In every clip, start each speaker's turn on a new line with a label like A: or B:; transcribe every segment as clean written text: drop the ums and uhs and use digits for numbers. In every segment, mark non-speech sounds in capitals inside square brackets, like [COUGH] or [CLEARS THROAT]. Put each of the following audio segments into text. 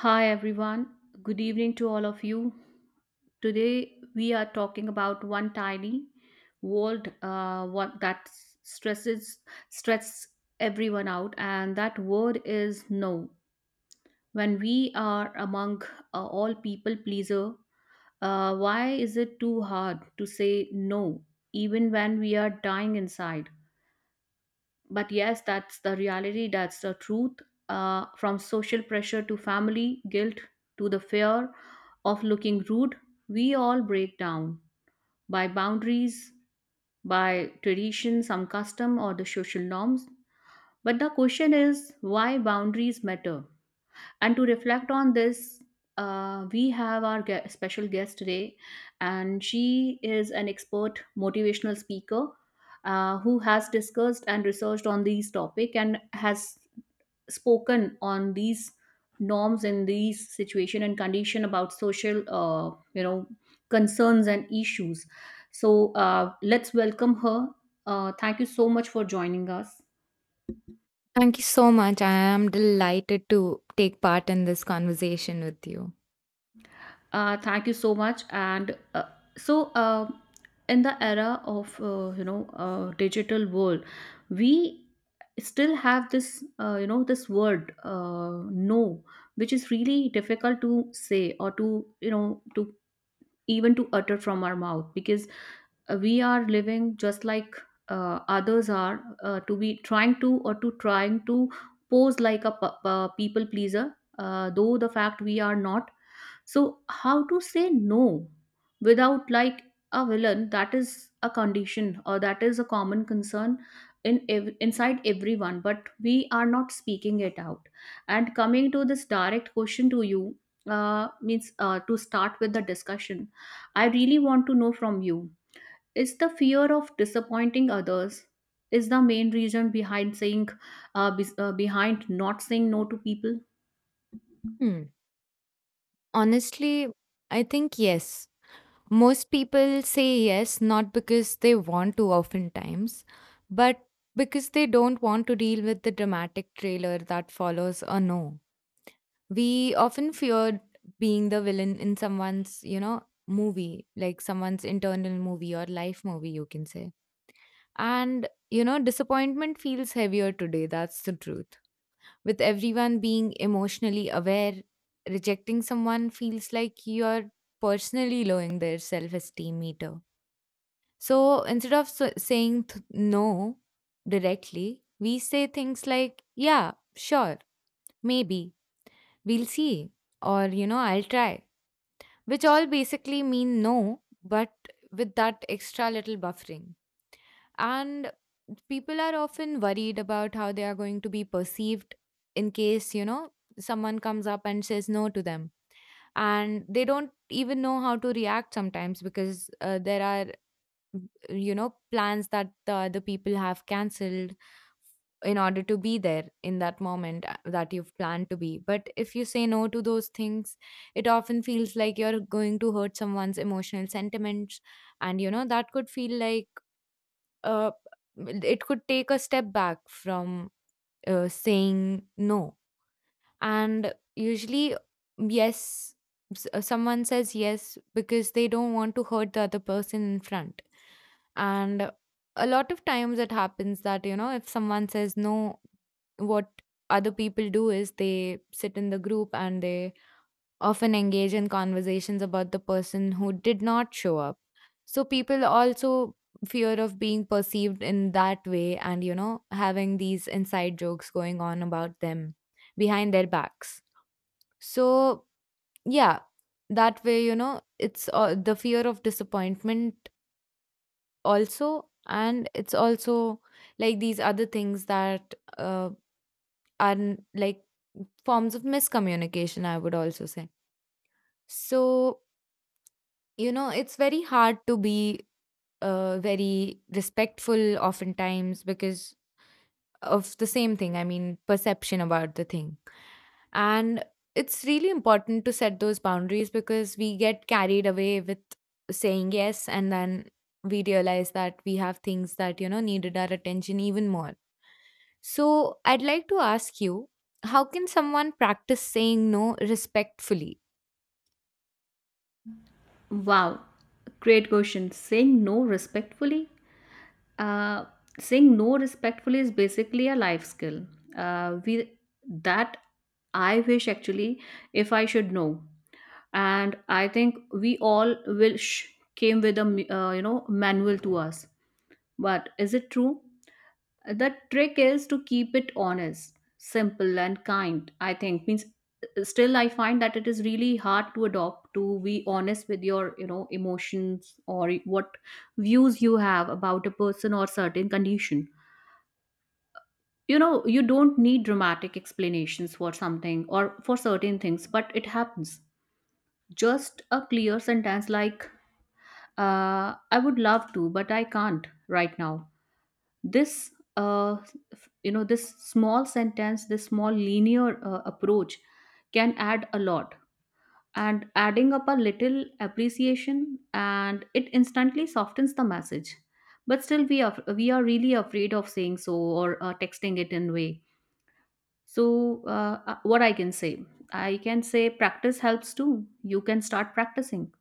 A: Hi everyone, good evening to all of you. Today we are talking about one tiny world what that stresses stress everyone out, and that word is no. When we are among all people pleaser, why is it too hard to say no, even when we are dying inside? But yes, that's the reality, that's the truth. Uh, from social pressure to family guilt to the fear of looking rude, we all break down by boundaries, by tradition, some custom or the social norms. But the question is, why boundaries matter, and to reflect on this, we have our special guest today, and she is an expert motivational speaker who has discussed and researched on these topic and has spoken on these norms in these situation and condition about social, concerns and issues. So let's welcome her. Thank you so much for joining us.
B: Thank you so much. I am delighted to take part in this conversation with you.
A: Thank you so much. And so, in the era of digital world, we still have this this word no, which is really difficult to say or to to even to utter from our mouth because we are living just like others are to be trying to or to trying to pose like a, people pleaser though the fact we are not. So, how to say no without like a villain? That is a condition, or that is a common concern in inside everyone. But we are not speaking it out. And coming to this direct question to you means to start with the discussion, I really want to know from you: is the fear of disappointing others is the main reason behind saying behind not saying no to people?
B: Hmm. Honestly, I think yes. Most people say yes not because they want to oftentimes, but because they don't want to deal with the dramatic trailer that follows a no. We often fear being the villain in someone's, you know, movie, like someone's internal movie or life movie, you can say. And, you know, disappointment feels heavier today. That's the truth with everyone being emotionally aware, rejecting someone feels like you're personally lowering their self esteem meter. So instead of no directly, we say things like, yeah, sure, maybe, we'll see, or, you know, I'll try, which all basically mean no, but with that extra little buffering, and people are often worried about how they are going to be perceived in case, you know, someone comes up and says no to them, and they don't even know how to react sometimes because there are, you know, plans that the other people have cancelled in order to be there in that moment that you've planned to be, but if you say no to those things, it often feels like you're going to hurt someone's emotional sentiments. And you know that could feel like, uh, it could take a step back from saying no. And usually, yes, someone says yes because they don't want to hurt the other person in front. And a lot of times it happens that, you know, if someone says no, what other people do is they sit in the group and they often engage in conversations about the person who did not show up. So people also fear of being perceived in that way and, you know, having these inside jokes going on about them behind their backs. So, yeah, that way, you know, it's the fear of disappointment also. And it's also like these other things that like forms of miscommunication, I would also say. So, you know, it's very hard to be very respectful oftentimes because of the same thing. I mean, perception about the thing. And it's really important to set those boundaries because we get carried away with saying yes, and then we realize that we have things that, you know, needed our attention even more. So, I'd like to ask you, how can someone practice saying no respectfully?
A: Wow, great question. Uh, saying no respectfully is basically a life skill. We that I wish, actually, if I should know, and I think we all came with a manual to us. But is it true? The trick is to keep it honest, simple and kind. I think means still I find that it is really hard to adopt, to be honest with your, you know, emotions, or what views you have about a person or certain condition. You know, you don't need dramatic explanations for something or for certain things, but it happens. Just a clear sentence like, I would love to but I can't right now. This uh, you know, this small sentence, this small linear approach can add a lot, and adding up a little appreciation, and it instantly softens the message. But still, we are really afraid of saying so or texting it in way. So what I can say, I can say practice helps too. You can start practicing.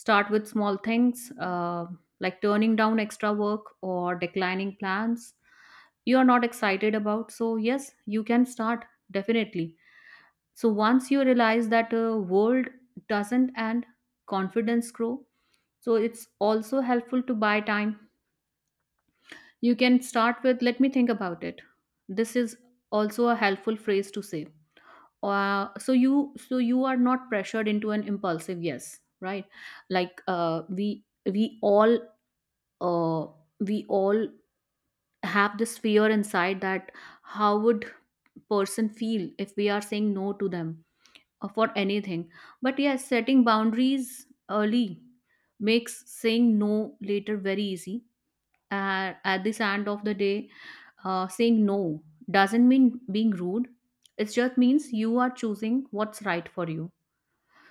A: Start with small things, like turning down extra work or declining plans you are not excited about. So, yes, you can start, definitely. So, once you realize that world doesn't end, confidence grow. So, it's also helpful to buy time. You can start with, let me think about it. This is also a helpful phrase to say, so you are not pressured into an impulsive yes, right? Like, uh, we all have this fear inside, that how would person feel if we are saying no to them or for anything. But yes, setting boundaries early makes saying no later very easy. At this end of the day, saying no doesn't mean being rude. It just means you are choosing what's right for you.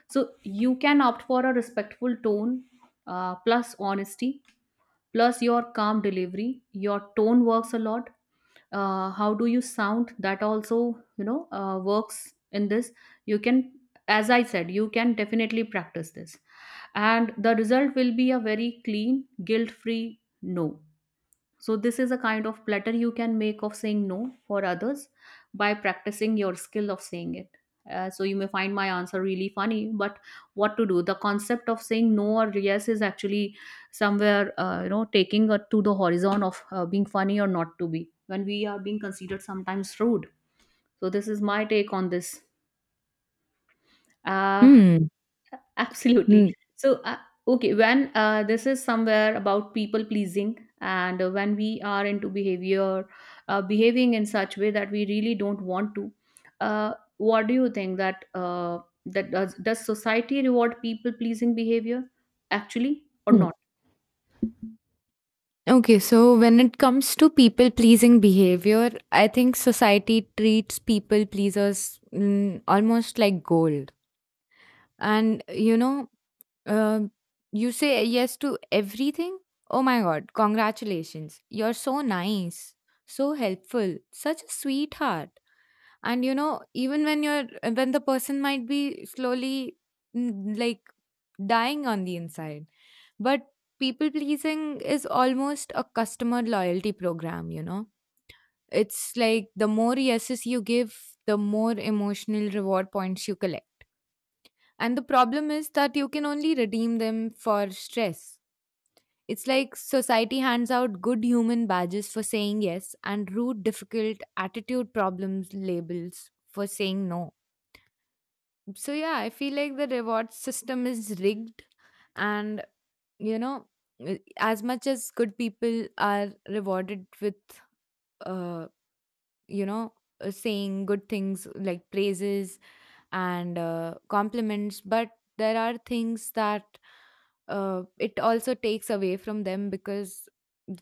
A: So you can opt for a respectful tone plus honesty, plus your calm delivery. Your tone works a lot. How do you sound, that also, you know, works in this. You can, as I said, you can definitely practice this, and the result will be a very clean, guilt free no. So, this is a kind of platter you can make of saying no for others by practicing your skill of saying it. So, you may find my answer really funny, but what to do? The concept of saying no or yes is actually somewhere, taking it to the horizon of being funny or not to be when we are being considered sometimes rude. So, this is my take on this. Uh,
B: Hmm.
A: Absolutely.
B: Mm.
A: So, okay, when this is somewhere about people pleasing, and when we are into behavior, behaving in such way that we really don't want to, what do you think that that does society reward people pleasing behavior, actually or
B: Mm.
A: not?
B: Okay, so when it comes to people pleasing behavior, I think society treats people pleasers, mm, almost like gold. And you know, Um, you say yes to everything? Oh my god, congratulations. You're so nice, so helpful, such a sweetheart. And you know, even when you're when the person might be slowly, mm, like dying on the inside. But people pleasing is almost a customer loyalty program, you know. It's like the more yeses you give, the more emotional reward points you collect. And the problem is that you can only redeem them for stress. It's like society hands out good human badges for saying yes, and rude, difficult attitude problems labels for saying no. So, yeah, I feel like the reward system is rigged. And, you know, as much as good people are rewarded with, uh, you know, saying good things like praises and compliments, but there are things that, it also takes away from them because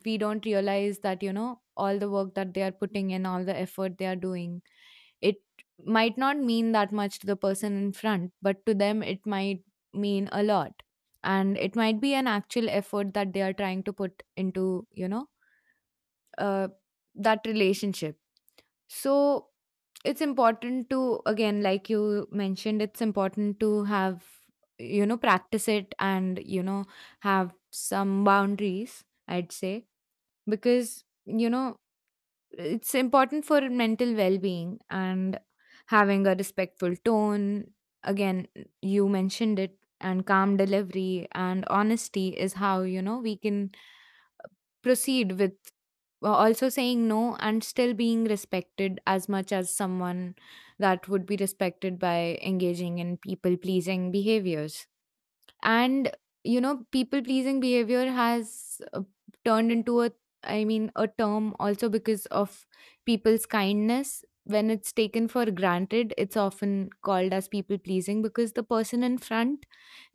B: we don't realize that, you know, all the work that they are putting in, all the effort they are doing, it might not mean that much to the person in front, but to them it might mean a lot. And it might be an actual effort that they are trying to put into, you know, uh, that relationship. So it's important, to again, like you mentioned, it's important to have, you know, practice it, and you know, have some boundaries, I'd say, because, you know, it's important for mental well-being, and having a respectful tone, again, you mentioned it, and calm delivery and honesty is how, you know, we can proceed with also saying no and still being respected as much as someone that would be respected by engaging in people pleasing behaviors. And you know, people pleasing behavior has turned into a, I mean, a term also because of people's kindness. When it's taken for granted, it's often called as people pleasing because the person in front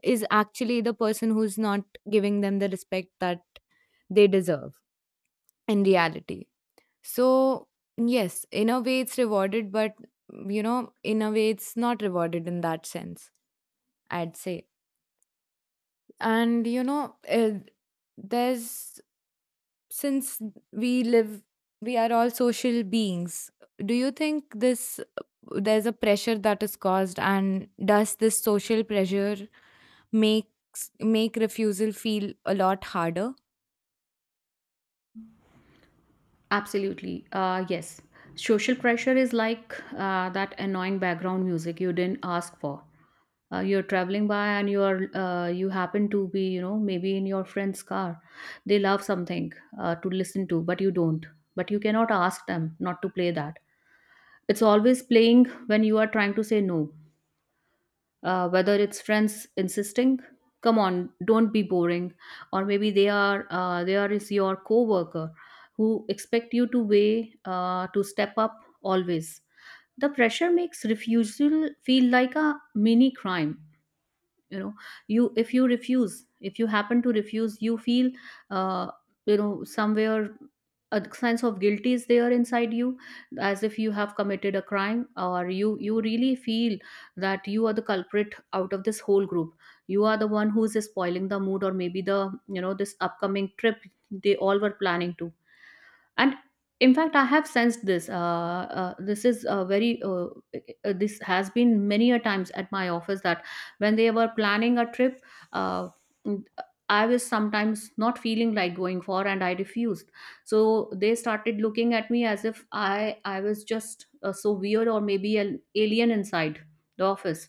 B: is actually the person who's not giving them the respect that they deserve, and reality. So, yes, in a way it's rewarded, but you know, in a way it's not rewarded in that sense, I'd say. And you know, there's, since we live, we are all social beings. Do you think this, there's a pressure that is caused, and does this social pressure make refusal feel a lot harder?
A: Absolutely. Yes. Social pressure is like that annoying background music you didn't ask for. You're traveling by, and you are you happen to be, you know, maybe in your friend's car. They love something to listen to, but you don't. But you cannot ask them not to play that. It's always playing when you are trying to say no, whether it's friends insisting, come on, don't be boring, or maybe they are there is your coworker who expect you to weigh to step up always. The pressure makes refusal feel like a mini crime. You know, you, if you refuse, if you happen to refuse, you feel uh, you know, somewhere a sense of guilt is there inside you, as if you have committed a crime, or you really feel that you are the culprit out of this whole group. You are the one who's spoiling the mood, or maybe the, you know, this upcoming trip they all were planning to. And in fact, I have sensed this. This is a very this has been many a times at my office, that when they were planning a trip, uh, I was sometimes not feeling like going for, and I refused. So they started looking at me as if I was just so weird or maybe an alien inside the office.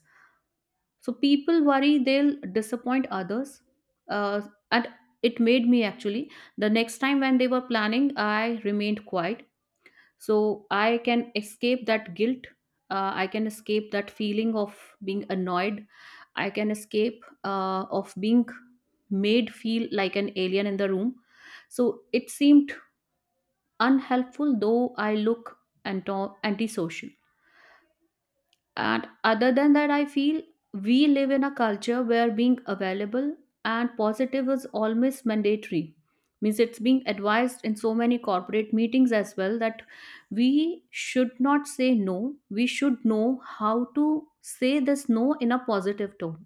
A: So people worry they'll disappoint others. uh, and it made me actually the next time when they were planning, I remained quiet, so I can escape that guilt. I can escape that feeling of being annoyed. I can escape of being made feel like an alien in the room. So it seemed unhelpful, though I look antisocial. And other than that, I feel we live in a culture where being available and positive is almost mandatory. Means it's being advised in so many corporate meetings as well that we should not say no. We should know how to say this no in a positive tone.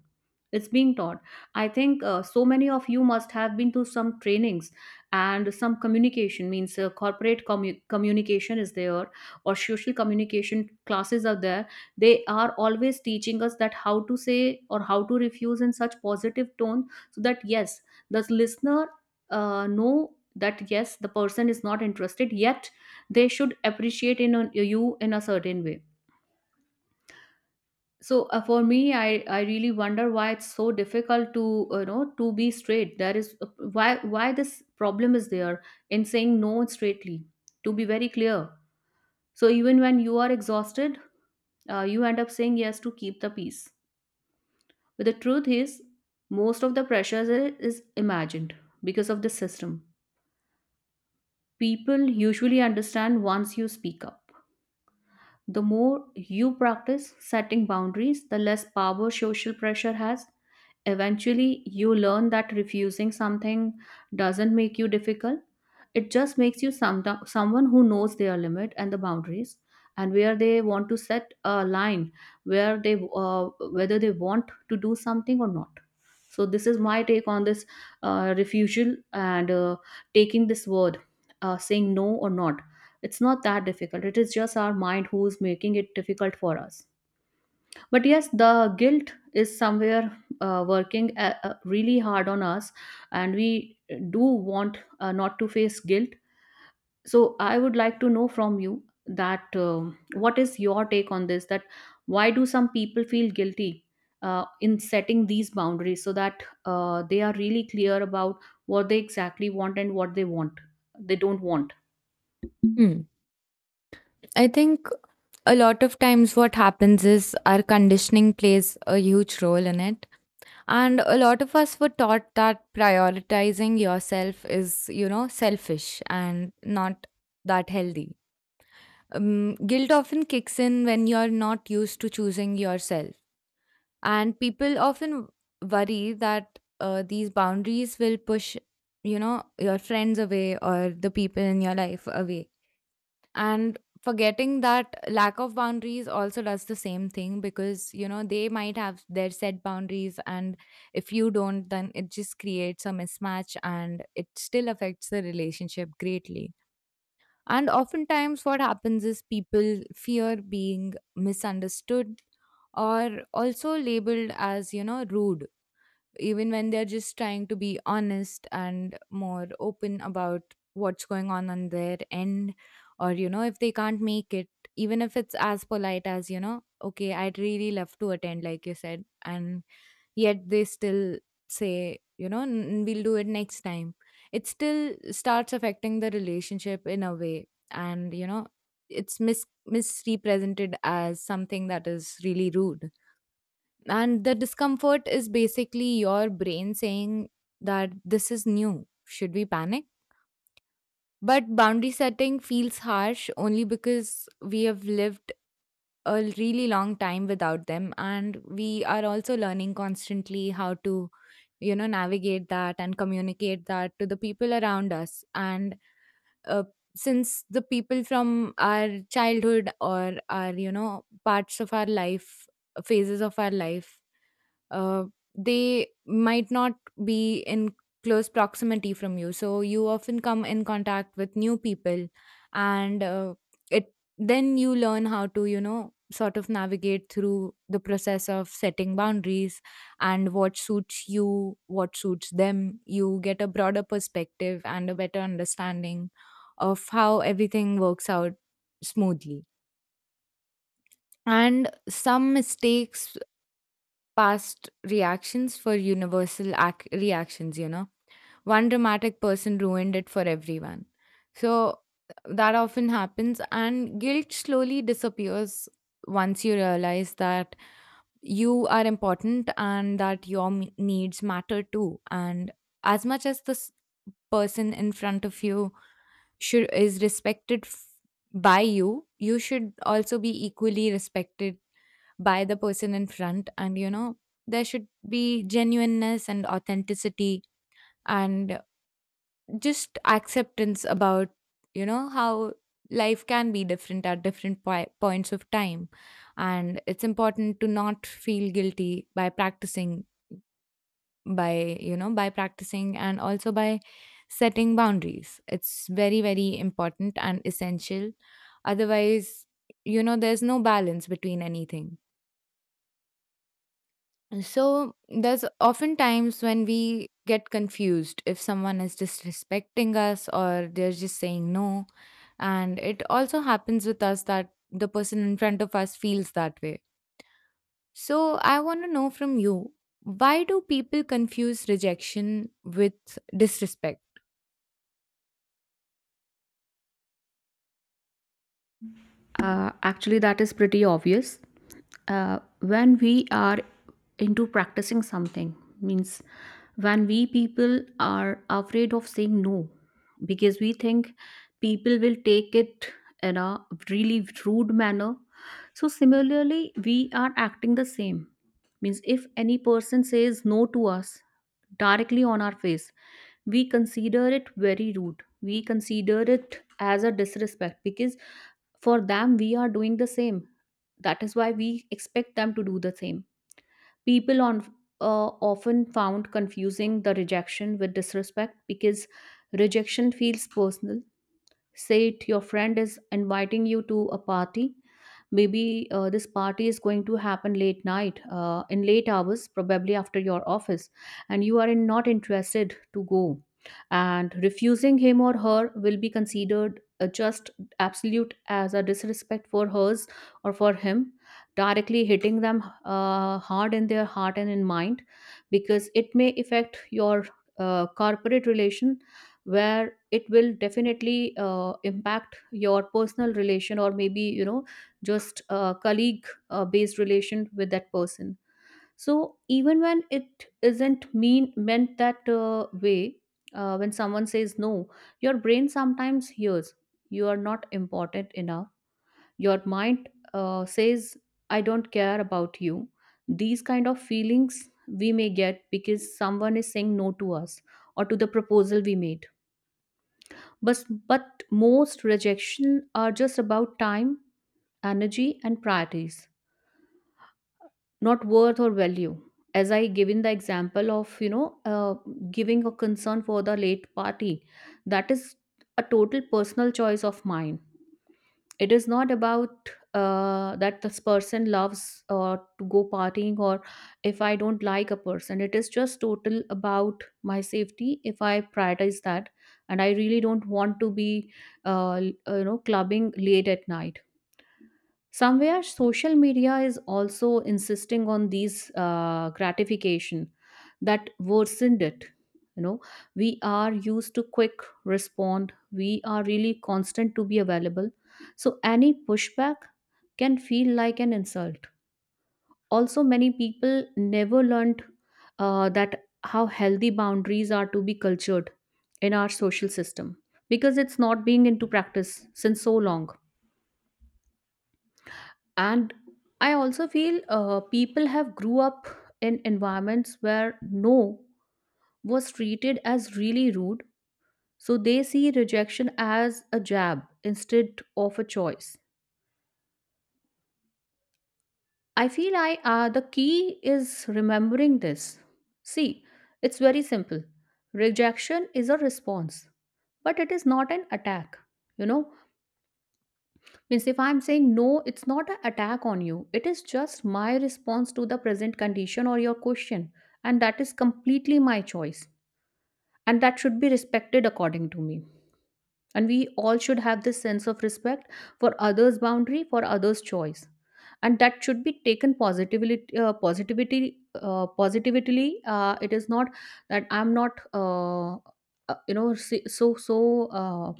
A: It's being taught. I think so many of you must have been to some trainings and some communication, means corporate communication is there, or social communication classes are there. They are always teaching us that how to say or how to refuse in such positive tone, so that yes, the listener know that yes, the person is not interested, yet they should appreciate in a, you in a certain way. So for me, I really wonder why it's so difficult to to be straight. There is why why this problem is there in saying no straightly, to be very clear. So even when you are exhausted, you end up saying yes to keep the peace. But the truth is, most of the pressure is imagined, because of the system. People usually understand once you speak up. The more you practice setting boundaries, the less power social pressure has. Eventually, you learn that refusing something doesn't make you difficult. It just makes you someone who knows their limit and the boundaries, and where they want to set a line, where they whether they want to do something or not. So this is my take on this, refusal and taking this word, saying no or not. It's not that difficult. It is just our mind who's making it difficult for us. But yes, the guilt is somewhere working really hard on us, and we do want not to face guilt. So I would like to know from you that what is your take on this? That why do some people feel guilty in setting these boundaries, so that they are really clear about what they exactly want, and what they want, they don't want.
B: I think a lot of times what happens is our conditioning plays a huge role in it. And a lot of us were taught that prioritizing yourself is, you know, selfish and not that healthy. Guilt often kicks in when you're not used to choosing yourself. And people often worry that these boundaries will push, you know, your friends away or the people in your life away, and forgetting that lack of boundaries also does the same thing, because you know, they might have their set boundaries, and if you don't, then it just creates a mismatch, and it still affects the relationship greatly. And oftentimes what happens is people fear being misunderstood or also labeled as, you know, rude, even when they're just trying to be honest and more open about what's going on their end, or you know, if they can't make it, even if it's as polite as, you know, okay, I'd really love to attend, like you said, and yet they still say, you know, we'll do it next time," it still starts affecting the relationship in a way. And you know, it's misrepresented as something that is really rude. And the discomfort is basically your brain saying that this is new. Should we panic? But boundary setting feels harsh only because we have lived a really long time without them. And we are also learning constantly how to, you know, navigate that and communicate that to the people around us. And uh, since the people from our childhood, or our, you know, parts of our life, phases of our life, uh, they might not be in close proximity from you, so you often come in contact with new people. And it, then you learn how to, you know, sort of navigate through the process of setting boundaries, and what suits you, what suits them. You get a broader perspective and a better understanding of how everything works out smoothly. And some mistakes, past reactions for universal reactions, you know. One dramatic person ruined it for everyone. So that often happens, and guilt slowly disappears once you realize that you are important and that your needs matter too. And as much as this person in front of you should is respected by you, you should also be equally respected by the person in front. And you know, there should be genuineness and authenticity and just acceptance about, you know, how life can be different at different points of time. And it's important to not feel guilty, by practicing, and also by setting boundaries. It's very very important and essential, otherwise, you know, there's no balance between anything. So there's often times when we get confused if someone is disrespecting us or they're just saying no, and it also happens with us that the person in front of us feels that way. So I want to know from you, why do people confuse rejection with disrespect?
A: Actually, that is pretty obvious. When we are into practicing something, means when we, people are afraid of saying no because we think people will take it in a really rude manner. So, similarly, we are acting the same. Means if any person says no to us directly on our face, we consider it very rude, we consider it as a disrespect because for them we are doing the same, that is why we expect them to do the same. People on uh, often found confusing the rejection with disrespect because rejection feels personal. Say it your friend is inviting you to a party, maybe this party is going to happen late night, in late hours probably after your office, and you are not interested to go, and refusing him or her will be considered just absolute as a disrespect for hers or for him, directly hitting them hard in their heart and in mind, because it may affect your corporate relation, where it will definitely impact your personal relation, or maybe just colleague based relation with that person. So even when it isn't meant that way, when someone says no, your brain sometimes hears you are not important enough. Your mind says, I don't care about you. These kind of feelings we may get because someone is saying no to us or to the proposal we made. But most rejection are just about time, energy, and priorities, not worth or value. As I given the example of, you know, giving a concern for the late party, that is a total personal choice of mine. It is not about that this person loves to go partying, or if I don't like a person, it is just total about my safety, if I prioritize that. And I really don't want to be clubbing late at night. Somewhere social media is also insisting on these gratification that worsened it, you know. We are used to quick respond, we are really constant to be available, so any pushback can feel like an insult. Also, many people never learned that how healthy boundaries are to be cultured in our social system, because it's not being into practice since so long. And I also feel people have grew up in environments where no was treated as really rude, so they see rejection as a jab instead of a choice. I feel I the key is remembering this. See, it's very simple. Rejection is a response, but it is not an attack, you know. Means if I'm saying no, it's not an attack on you. It is just my response to the present condition or your question. And that is completely my choice. And that should be respected according to me. And we all should have this sense of respect for others' boundary, for others' choice. And that should be taken positively. It is not that I'm not, you know, so so. So, Uh,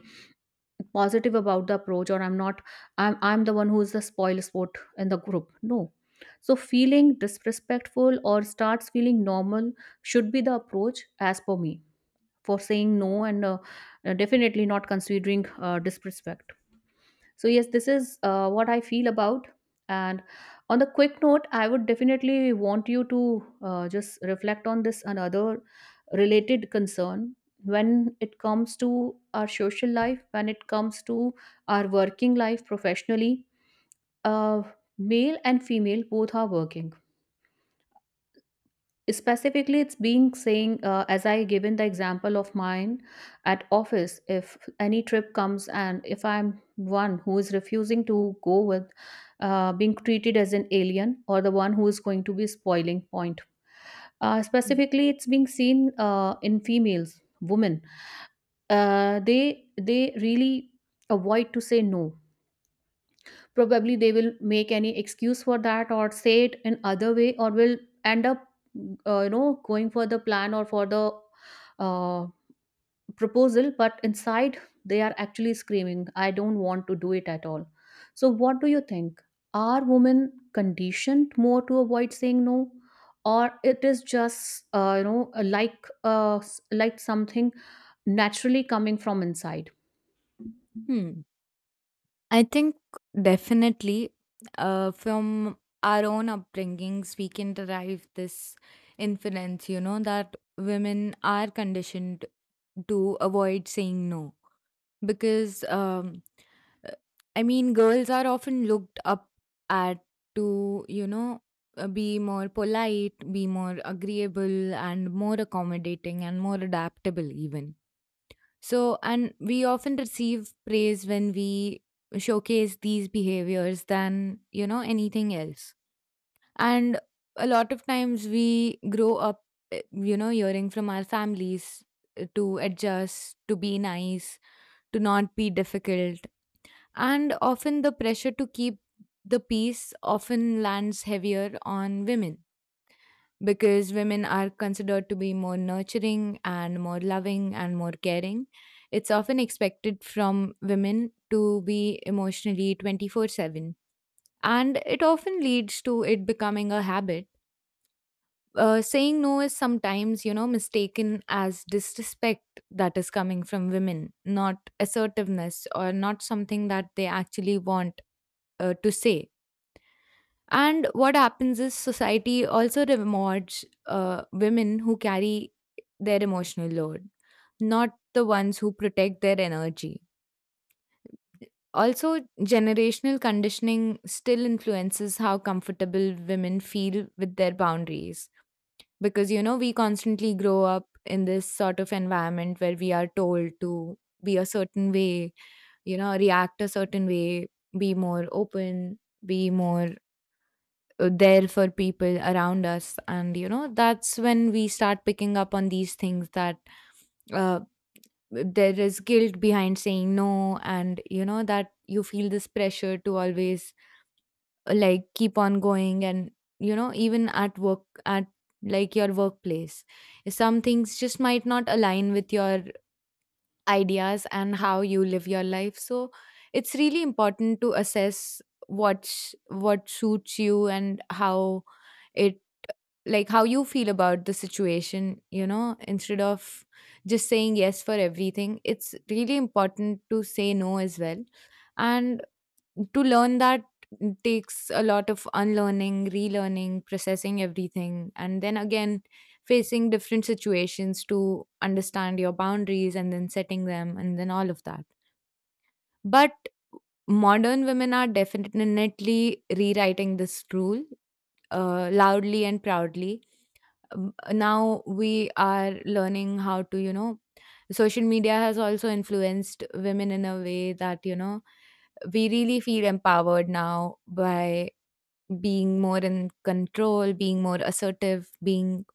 A: positive about the approach, or I'm not, I'm the one who's the spoil sport in the group. No. So feeling disrespectful or starts feeling normal should be the approach as per me for saying no, and definitely not considering disrespect. So yes, this is what I feel about. And on the quick note, I would definitely want you to just reflect on this another related concern. When it comes to our social life, when it comes to our working life professionally. Uh, Male and female both are working. Specifically, it's being saying, as I given the example of mine at office, if any trip comes and if I'm one who is refusing to go with, being treated as an alien or the one who is going to be spoiling point.
B: Mm.
A: Specifically, it's being seen in females, women. They really avoid to say no. Probably they will make any excuse for that, or say it in other way, or will end up going for the plan or for the uh, proposal, but inside they are actually screaming, I don't want to do it at all. So what do you think, are women conditioned more to avoid saying no, or it is just something naturally coming from inside?
B: Hmm. I think definitely from our own upbringings, we can derive this inference, you know, that women are conditioned to avoid saying no because, uh, I mean, girls are often looked up at to, you know, be more polite, be more agreeable, and more accommodating, and more adaptable, even. So, and we often receive praise when we showcase these behaviors than, you know, anything else. And a lot of times we grow up, you know, hearing from our families, to adjust, to be nice, to not be difficult. And often the pressure to keep the peace often lands heavier on women because women are considered to be more nurturing and more loving and more caring. It's often expected from women to be emotionally 24/7. And it often leads to it becoming a habit. Saying no is sometimes, you know, mistaken as disrespect that is coming from women, not assertiveness or not something that they actually want to say. And what happens is society also rewards women who carry their emotional load, not the ones who protect their energy. Also, generational conditioning still influences how comfortable women feel with their boundaries. Because, you know, we constantly grow up in this sort of environment where we are told to be a certain way, you know, react a certain way, be more open, be more, there for people around us. And you know, that's when we start picking up on these things, that uh, there is guilt behind saying no. And you know, that you feel this pressure to always, like keep on going. And you know, even at work, at like your workplace, some things just might not align with your ideas and how you live your life. So it's really important to assess what suits you, and how it, like how you feel about the situation, you know, instead of just saying yes for everything. It's really important to say no as well. And to learn that takes a lot of unlearning, relearning, processing everything, and then again facing different situations to understand your boundaries, and then setting them, and then all of that. But modern women are definitely rewriting this rule, loudly and proudly. Now we are learning how to, you know, social media has also influenced women in a way that, you know, we really feel empowered now by being more in control, being more assertive, being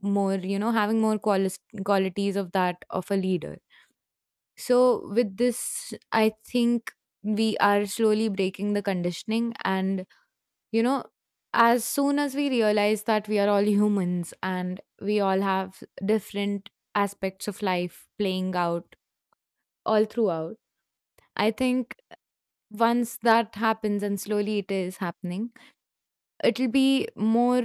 B: more, you know, having more qualities of that of a leader. So, with this, I think we are slowly breaking the conditioning. And you know, as soon as we realize that we are all humans and we all have different aspects of life playing out all throughout, I think once that happens, and slowly it is happening, it'll be more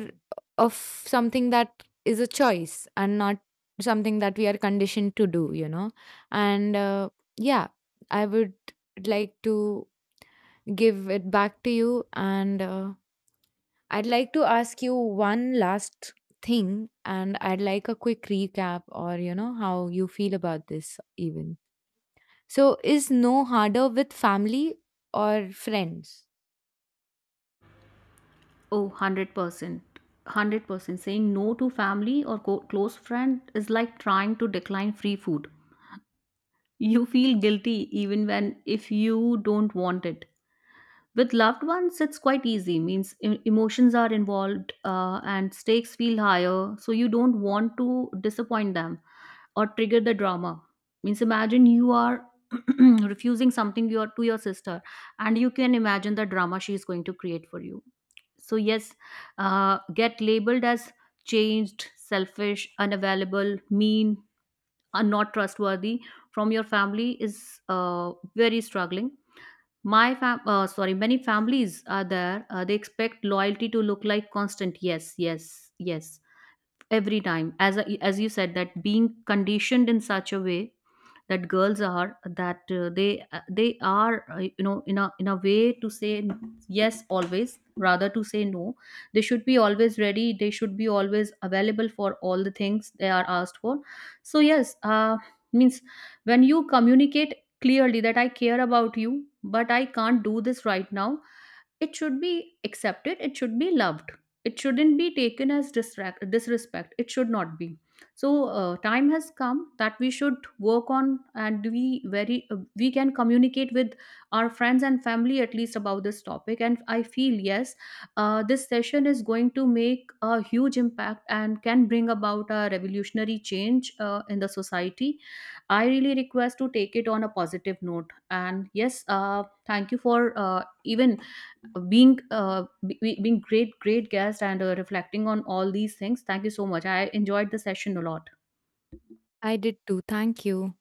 B: of something that is a choice and not something that we are conditioned to do, you know? And yeah, I would like to give it back to you. And I'd like to ask you one last thing, and I'd like a quick recap, or you know, how you feel about this, even. So, is no harder with family or friends?
A: Oh, 100%. 100%. Saying no to family or close friend is like trying to decline free food. You feel guilty even when if you don't want it. With loved ones, it's quite easy. Means emotions are involved, and stakes feel higher, so you don't want to disappoint them or trigger the drama. Means imagine you are [CLEARS THROAT] refusing something your to your sister, and you can imagine the drama she is going to create for you. So yes, get labeled as changed, selfish, unavailable, mean, and not trustworthy from your family is very struggling. My fam- sorry, many families are there. They expect loyalty to look like constant. Yes, yes, yes. Every time, as as you said, that being conditioned in such a way that girls are, that they are, in a way to say yes always rather to say no. They should be always ready, they should be always available for all the things they are asked for. So yes, means when you communicate clearly that I care about you but I can't do this right now, it should be accepted, it should be loved, it shouldn't be taken as disrespect. It should not be. So time has come that we should work on, and we very we can communicate with our friends and family at least about this topic, and I feel yes, this session is going to make a huge impact and can bring about a revolutionary change in the society. I really request to take it on a positive note, and yes, thank you for even being being great guest, and reflecting on all these things. Thank you so much, I enjoyed the session a lot.
B: I did too. Thank you.